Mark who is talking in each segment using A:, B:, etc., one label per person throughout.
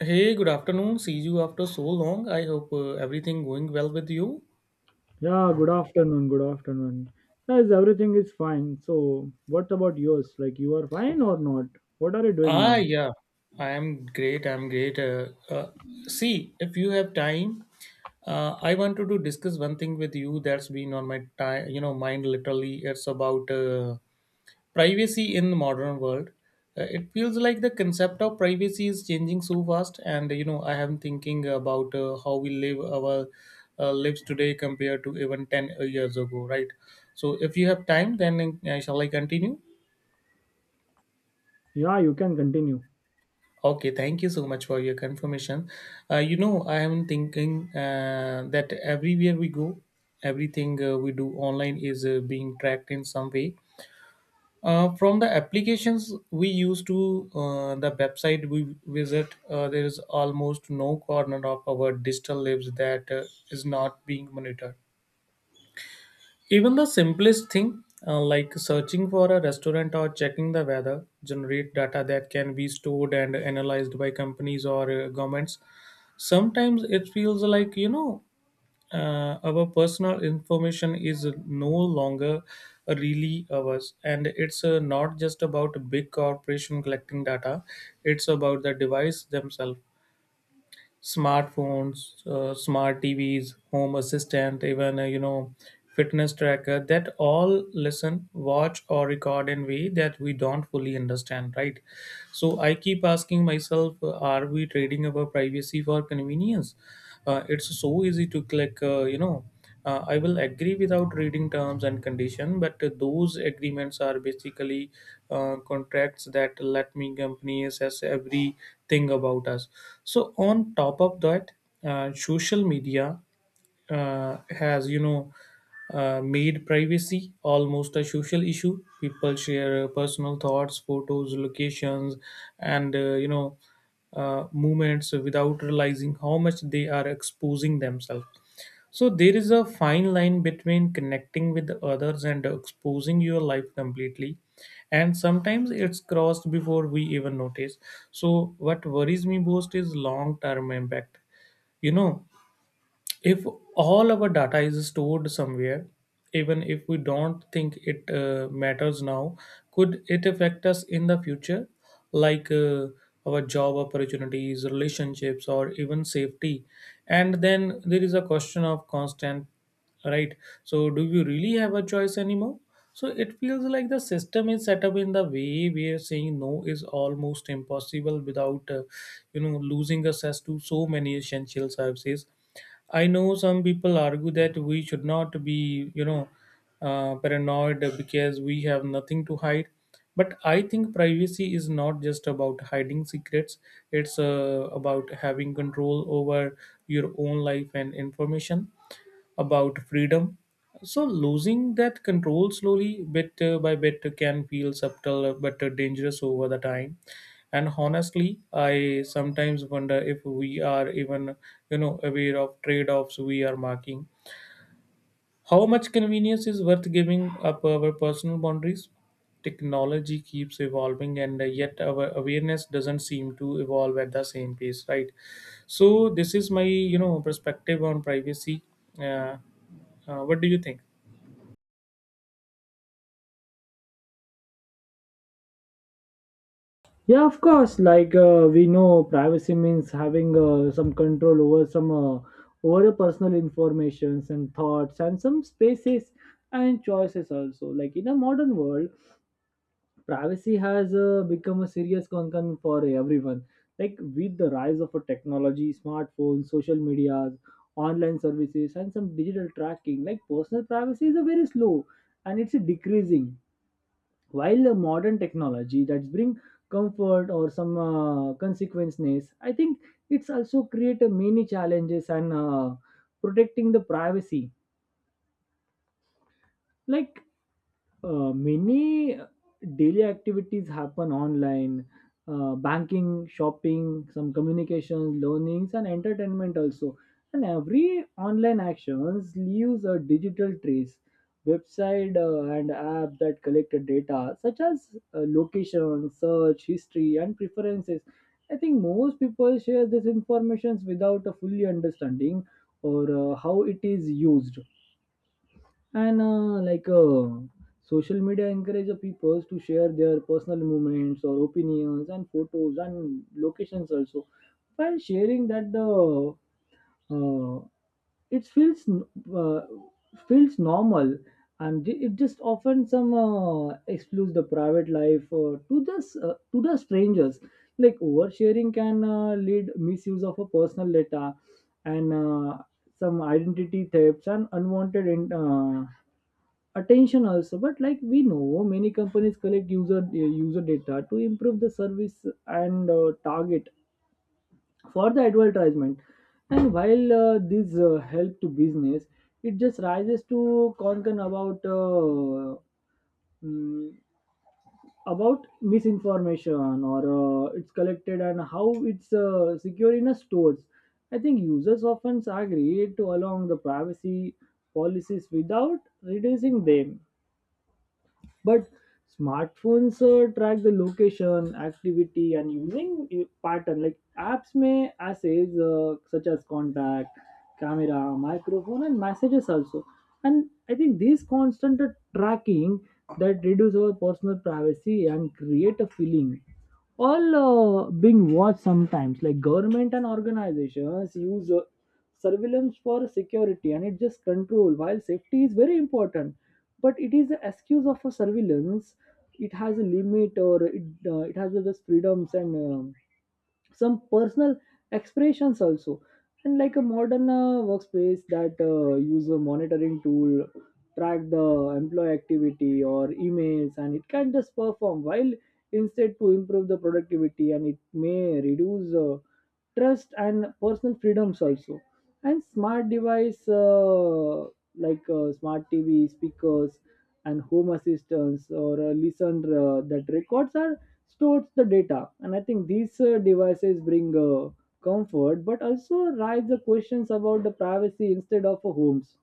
A: Hey, good afternoon. See you after so long. I hope everything going well with you.
B: Yeah, good afternoon. Good afternoon. Guys, everything is fine. So, what about yours? Like, you are fine or not? What are you doing
A: Ah,
B: now?
A: yeah. I am great. I'm great. See, if you have time, I wanted to discuss one thing with you that's been on my mind literally. It's about privacy in the modern world. It feels like the concept of privacy is changing so fast, and I am thinking about how we live our lives today compared to even 10 years ago, right? So if you have time, then shall I continue?
B: Yeah, you can continue.
A: Okay, thank you so much for your confirmation. I am thinking that everywhere we go, everything we do online is being tracked in some way. From the applications we use to the website we visit, there is almost no corner of our digital lives that is not being monitored. Even the simplest thing, like searching for a restaurant or checking the weather, generate data that can be stored and analyzed by companies or governments. Sometimes it feels like, our personal information is no longer really ours, and it's not just about a big corporation collecting data. It's about the device themselves: smartphones, smart tvs, home assistant, even fitness tracker, that all listen, watch or record in way that we don't fully understand, right? So I keep asking myself, are we trading our privacy for convenience? It's so easy to click, I will agree, without reading terms and condition, but those agreements are basically contracts that let me company assess everything about us. So on top of that, social media has, made privacy almost a social issue. People share personal thoughts, photos, locations, and movements without realizing how much they are exposing themselves. So there is a fine line between connecting with others and exposing your life completely, and sometimes it's crossed before we even notice. So what worries me most is long term impact. you know if all our data is stored somewhere, even if we don't think it matters now, could it affect us in the future? Like, our job opportunities, relationships, or even safety. And then there is a question of constant, right? So do you really have a choice anymore? So it feels like the system is set up in the way where saying no is almost impossible without losing access to so many essential services. I know some people argue that we should not be, paranoid because we have nothing to hide. But I think privacy is not just about hiding secrets. It's about having control over your own life and information, about freedom. So losing that control slowly, bit by bit, can feel subtle but dangerous over the time. And honestly, I sometimes wonder if we are even, aware of trade-offs we are making. How much convenience is worth giving up our personal boundaries? Technology keeps evolving, and yet our awareness doesn't seem to evolve at the same pace, right? So this is my, perspective on privacy. Uh, what do you think?
B: Yeah, of course. Like, we know privacy means having some control over some over your personal informations and thoughts and some spaces and choices also. Like in a modern world, privacy has become a serious concern for everyone. Like with the rise of a technology, smartphones, social medias, online services, and some digital tracking, like personal privacy is a very slow and it's a decreasing. While the modern technology that's bring comfort or some consequences, I think it's also create a many challenges and protecting the privacy. Like Many daily activities happen online, banking, shopping, some communications, learnings, and entertainment also. And every online actions leaves a digital trace. Website and app that collect the data, such as location, search, history, and preferences. I think most people share this information without a fully understanding or how it is used, and like social media encourages people to share their personal moments or opinions and photos and locations also. While sharing that, the uh, it feels uh, feels normal, and it just often some excludes the private life to the strangers. Like oversharing can lead misuse of a personal data and some identity thefts and unwanted attention also. But like we know many companies collect user data to improve the service and target for the advertisement. And while this help to business, it just rises to concern about mm, about misinformation or it's collected and how it's secure in a stores. I think users often agree to along the privacy policies without reducing them. But smartphones track the location activity and using pattern, like apps may assess such as contact, camera, microphone and messages also. And I think this constant tracking that reduce our personal privacy and create a feeling all being watched sometimes. Like government and organizations use surveillance for security and it just control. While safety is very important, but it is the excuse of a surveillance, it has a limit or it has just freedoms and some personal expressions also. And like a modern workspace that use a monitoring tool, track the employee activity or emails, and it can just perform while instead to improve the productivity, and it may reduce trust and personal freedoms also. And smart device, smart TV speakers and home assistants, or listen, that records are stores the data. And I think these devices bring comfort, but also raise the questions about the privacy instead of homes.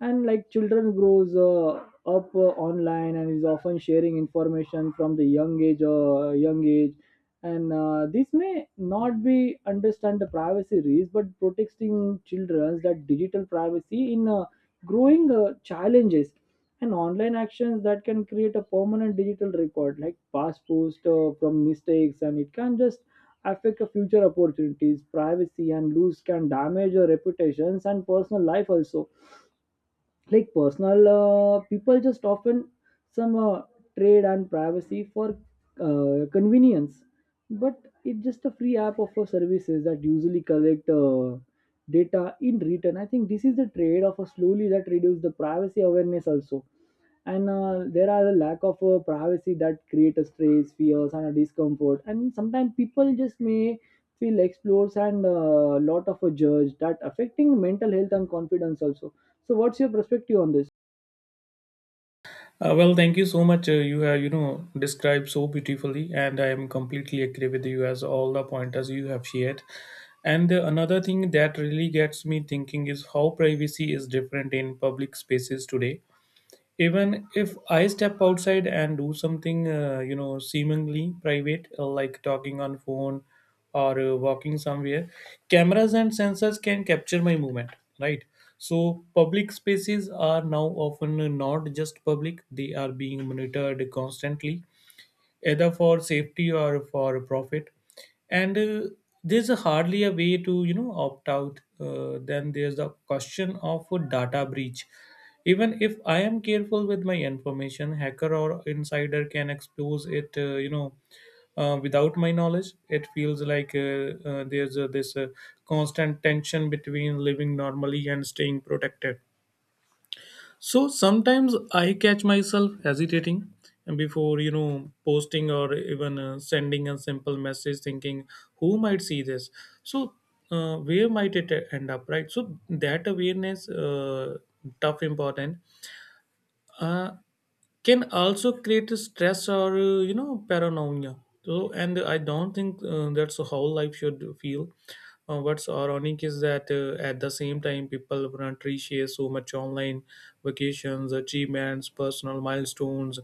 B: And like children grows up online and is often sharing information from the young age or young age. And this may not be understand the privacy risk, but protecting children that digital privacy in growing challenges. And online actions that can create a permanent digital record, like past post from mistakes, and it can just affect the future opportunities privacy, and lose can damage your reputations and personal life also. Like personal people just often some trade and privacy for convenience. But it's just a free app of services that usually collect data in return. I think this is the trade of a slowly that reduce the privacy awareness also. And there are a lack of privacy that create a stress, fears and a discomfort, and sometimes people just may feel explores and a lot of a judge that affecting mental health and confidence also. So what's your perspective on this?
A: Well, thank you so much. You have, described so beautifully, and I am completely agree with you as all the pointers you have shared. And another thing that really gets me thinking is how privacy is different in public spaces today. Even if I step outside and do something, seemingly private, like talking on phone or walking somewhere, cameras and sensors can capture my movement, right? So public spaces are now often not just public, they are being monitored constantly, either for safety or for profit. And there's hardly a way to, opt out. Then there's the question of a data breach. Even if I am careful with my information, hacker or insider can expose it, without my knowledge. It feels like there's this constant tension between living normally and staying protected. So sometimes I catch myself hesitating before, posting or even sending a simple message, thinking who might see this. So where might it end up, right? So that awareness tough important. Uh, can also create a stress or, paranoia. So, and I don't think that's how life should feel. What's ironic is that at the same time, people want to share so much online: vacations, achievements, personal milestones.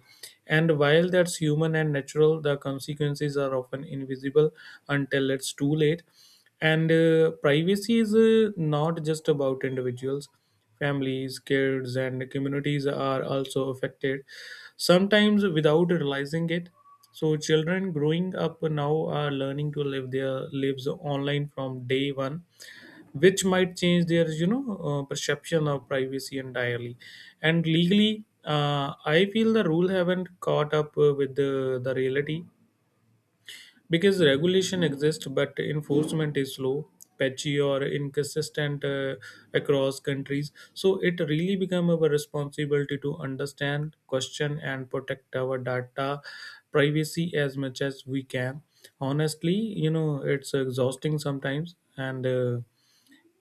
A: And while that's human and natural, the consequences are often invisible until it's too late. And privacy is not just about individuals. Families, kids, and communities are also affected, sometimes without realizing it. So, children growing up now are learning to live their lives online from day one, which might change their, perception of privacy entirely. And legally, I feel the rule haven't caught up with the reality, because regulation exists but enforcement is slow, patchy, or inconsistent across countries. So it really become our responsibility to understand, question, and protect our data privacy as much as we can. Honestly, it's exhausting sometimes, and uh,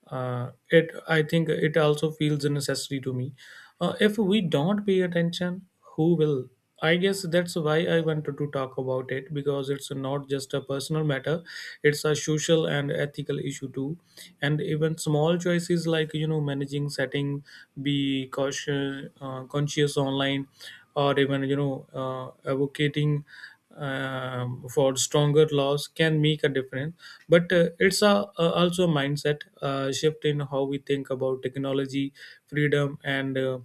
A: uh, it, I think it also feels a necessity to me. If we don't pay attention, who will? I guess that's why I wanted to talk about it, because it's not just a personal matter, it's a social and ethical issue too. And even small choices, like, managing setting, be cautious, conscious online, or even, advocating, for stronger laws, can make a difference. But it's a also a mindset shift in how we think about technology, freedom, and uh,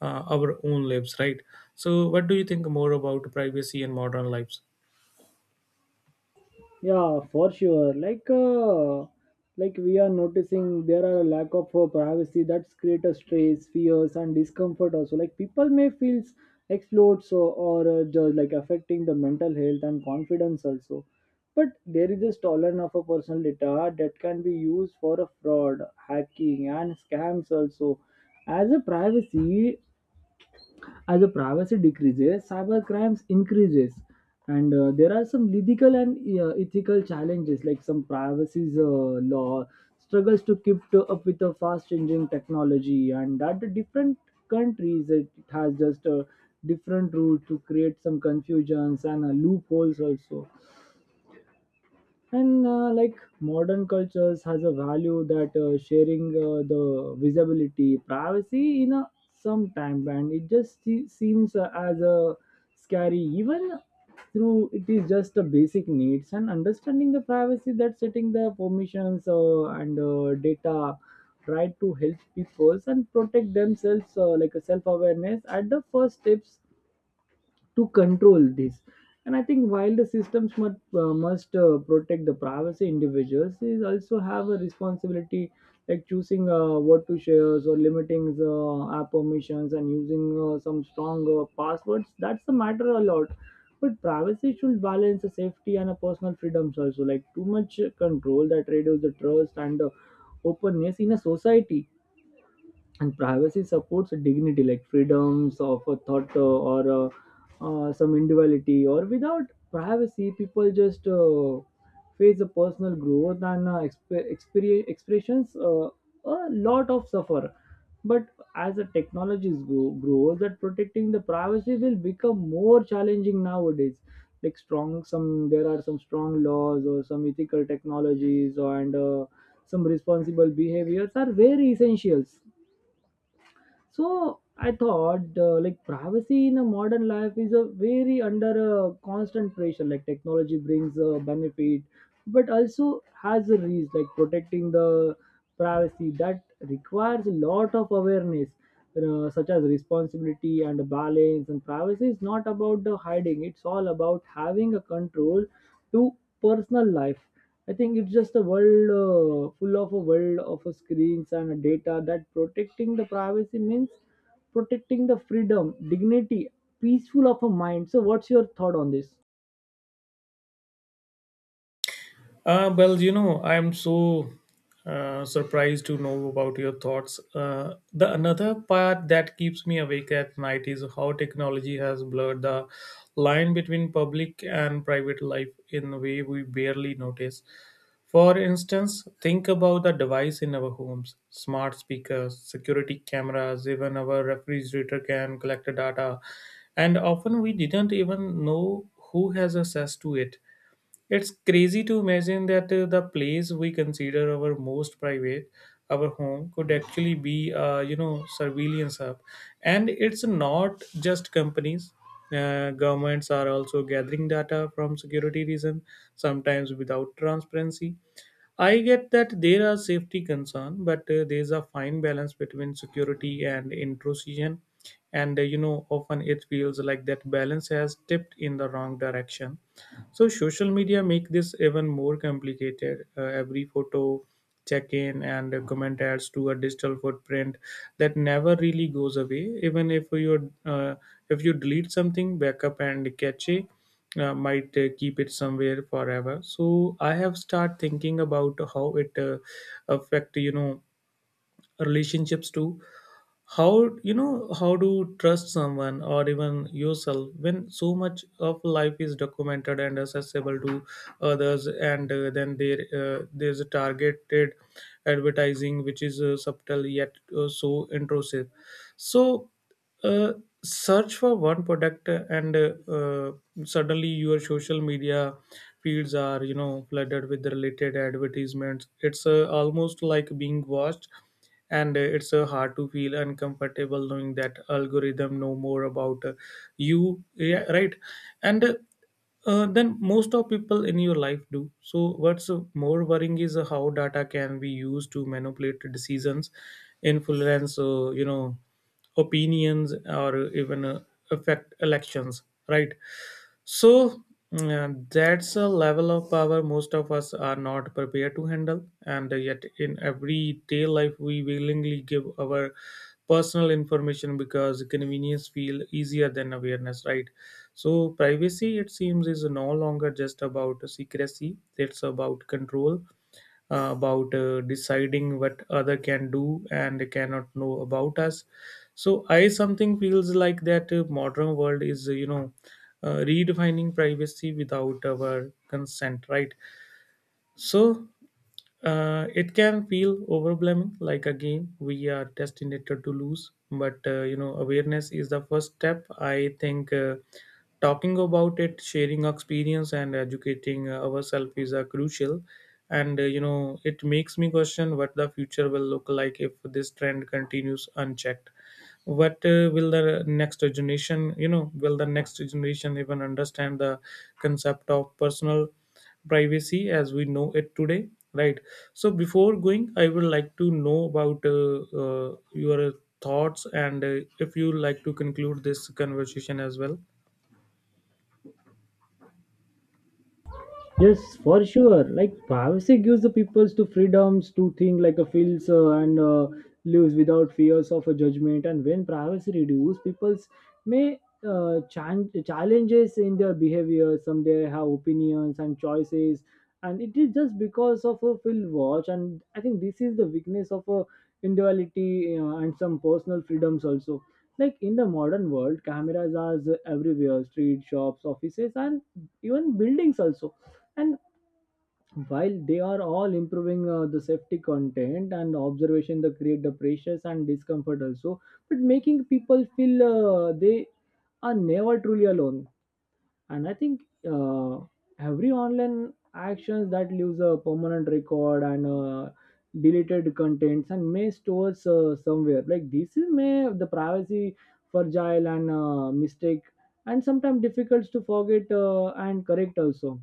A: uh, our own lives, right? So what do you think more about privacy and modern lives?
B: Yeah, for sure. Like we are noticing there are a lack of privacy that's create a stress, fears and discomfort also. Like people may feel explored so, or just like affecting the mental health and confidence also. But there is this tolerance of a personal data that can be used for a fraud, hacking and scams also. As a privacy As the privacy decreases, cyber crimes increases, and there are some legal and ethical challenges, like some privacy law struggles to up with the fast-changing technology, and that the different countries, it has just a different rule to create some confusions and loopholes also. And like modern cultures has a value that sharing the visibility privacy in a some time, and it just seems as a scary, even through it is just a basic needs. And understanding the privacy, that setting the permissions and data right to help people and protect themselves, like a self-awareness at the first steps to control this. And I think while the systems must, must protect the privacy individuals, they also have a responsibility, like choosing what to share, or limiting the app permissions and using some strong passwords. That's the matter a lot. But privacy should balance the safety and a personal freedoms also. Like too much control that reduces the trust and openness in a society. And privacy supports dignity, like freedoms of a thought or some individuality, or without privacy people just face a personal growth and experience expressions, a lot of suffer. But as the technologies grow, grow that protecting the privacy will become more challenging nowadays. Like strong some there are some strong laws or some ethical technologies, and some responsible behaviors are very essentials. So I thought, like privacy in a modern life is a very under a constant pressure. Like technology brings a benefit, but also has a risk. Like protecting the privacy that requires a lot of awareness, such as responsibility and balance. And privacy is not about the hiding; it's all about having a control to personal life. I think it's just a world full of a world of a screens and data, that protecting the privacy means protecting the freedom, dignity, peaceful of a mind. So, what's your thought on this?
A: Well, I am so surprised to know about your thoughts. The another part that keeps me awake at night is how technology has blurred the line between public and private life in a way we barely notice. For instance, think about the device in our homes: smart speakers, security cameras, even our refrigerator can collect data, and often we didn't even know who has access to it. It's crazy to imagine that the place we consider our most private, our home, could actually be, surveillance hub. And it's not just companies. Governments are also gathering data from security reason, sometimes without transparency. I get that there are safety concerns, but there's a fine balance between security and intrusion. And often it feels like that balance has tipped in the wrong direction. So social media make this even more complicated. Every photo, check in, and a comment adds to a digital footprint that never really goes away. Even if you delete something, backup and cache might keep it somewhere forever. So I have started thinking about how it affect, relationships too. How, how to trust someone or even yourself when so much of life is documented and accessible to others. And then there's a targeted advertising, which is subtle yet so intrusive. So uh, search for one product, and suddenly your social media feeds are, flooded with the related advertisements. It's almost like being watched. And it's hard to feel uncomfortable knowing that algorithm know more about you, yeah, right. And then most of people in your life do. So what's more worrying is how data can be used to manipulate decisions, influence opinions, or even affect elections, right? So, that's a level of power most of us are not prepared to handle, and yet in everyday life we willingly give our personal information because convenience feel easier than awareness, right? So privacy, it seems, is no longer just about secrecy. It's about control, about deciding what other can do and cannot know about us. So I something feels like that modern world is, redefining privacy without our consent, right? So it can feel overwhelming, like a game we are destined to lose. But awareness is the first step. I think talking about it, sharing experience, and educating ourselves is crucial. And it makes me question what the future will look like if this trend continues unchecked. What will the next generation even understand the concept of personal privacy as we know it today, right? So before going, I would like to know about your thoughts, and if you like to conclude this conversation as well.
B: Yes, for sure. Like privacy gives the peoples to freedoms to think like a feels and lives without fears of a judgment. And when privacy reduces, peoples may challenges in their behavior. Some they have opinions and choices, and it is just because of a field watch. And I think this is the weakness of a individuality and some personal freedoms also. Like in the modern world, cameras are everywhere, street, shops, offices, and even buildings also. And while they are all improving the safety content and observation that create the pressures and discomfort also, but making people feel they are never truly alone. And I think uh, every online actions that leaves a permanent record, and deleted contents and may stores somewhere, like this is may the privacy fragile and mistake, and sometimes difficult to forget and correct also.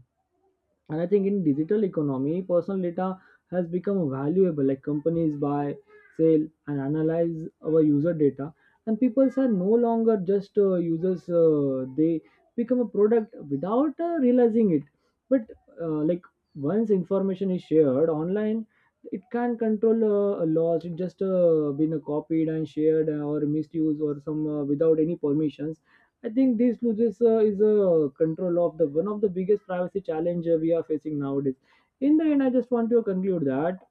B: And I think in digital economy, personal data has become valuable. Like companies buy, sell, and analyze our user data, and people are no longer just users. They become a product without realizing it. But like once information is shared online, it can control a loss. It just been copied and shared, or misused or some, without any permissions. I think these losses is a control of the one of the biggest privacy challenge we are facing nowadays. In the end, I just want to conclude that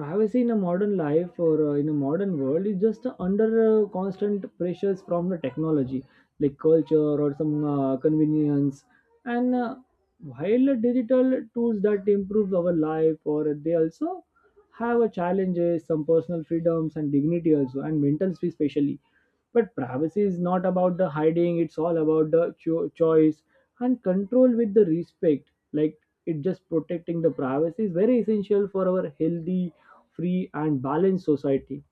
B: privacy in a modern life, or in a modern world, is just under constant pressures from the technology, like culture or some convenience. And while the digital tools that improve our life, or they also have a challenges, some personal freedoms and dignity also, and mental space especially. But privacy is not about the hiding; it's all about the choice and control with the respect. Like it just protecting the privacy is very essential for our healthy, free and balanced society.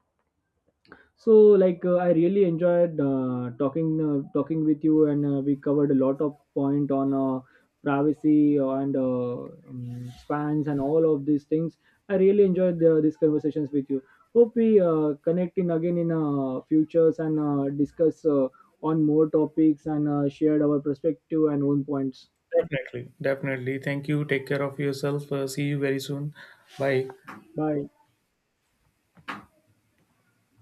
B: So, I really enjoyed talking with you, and we covered a lot of point on privacy and spans and all of these things. I really enjoyed these conversations with you. Hope we connect in again in futures and discuss on more topics and shared our perspective and own points.
A: Definitely, definitely, thank you. Take care of yourself. See you very soon. Bye.
B: Bye.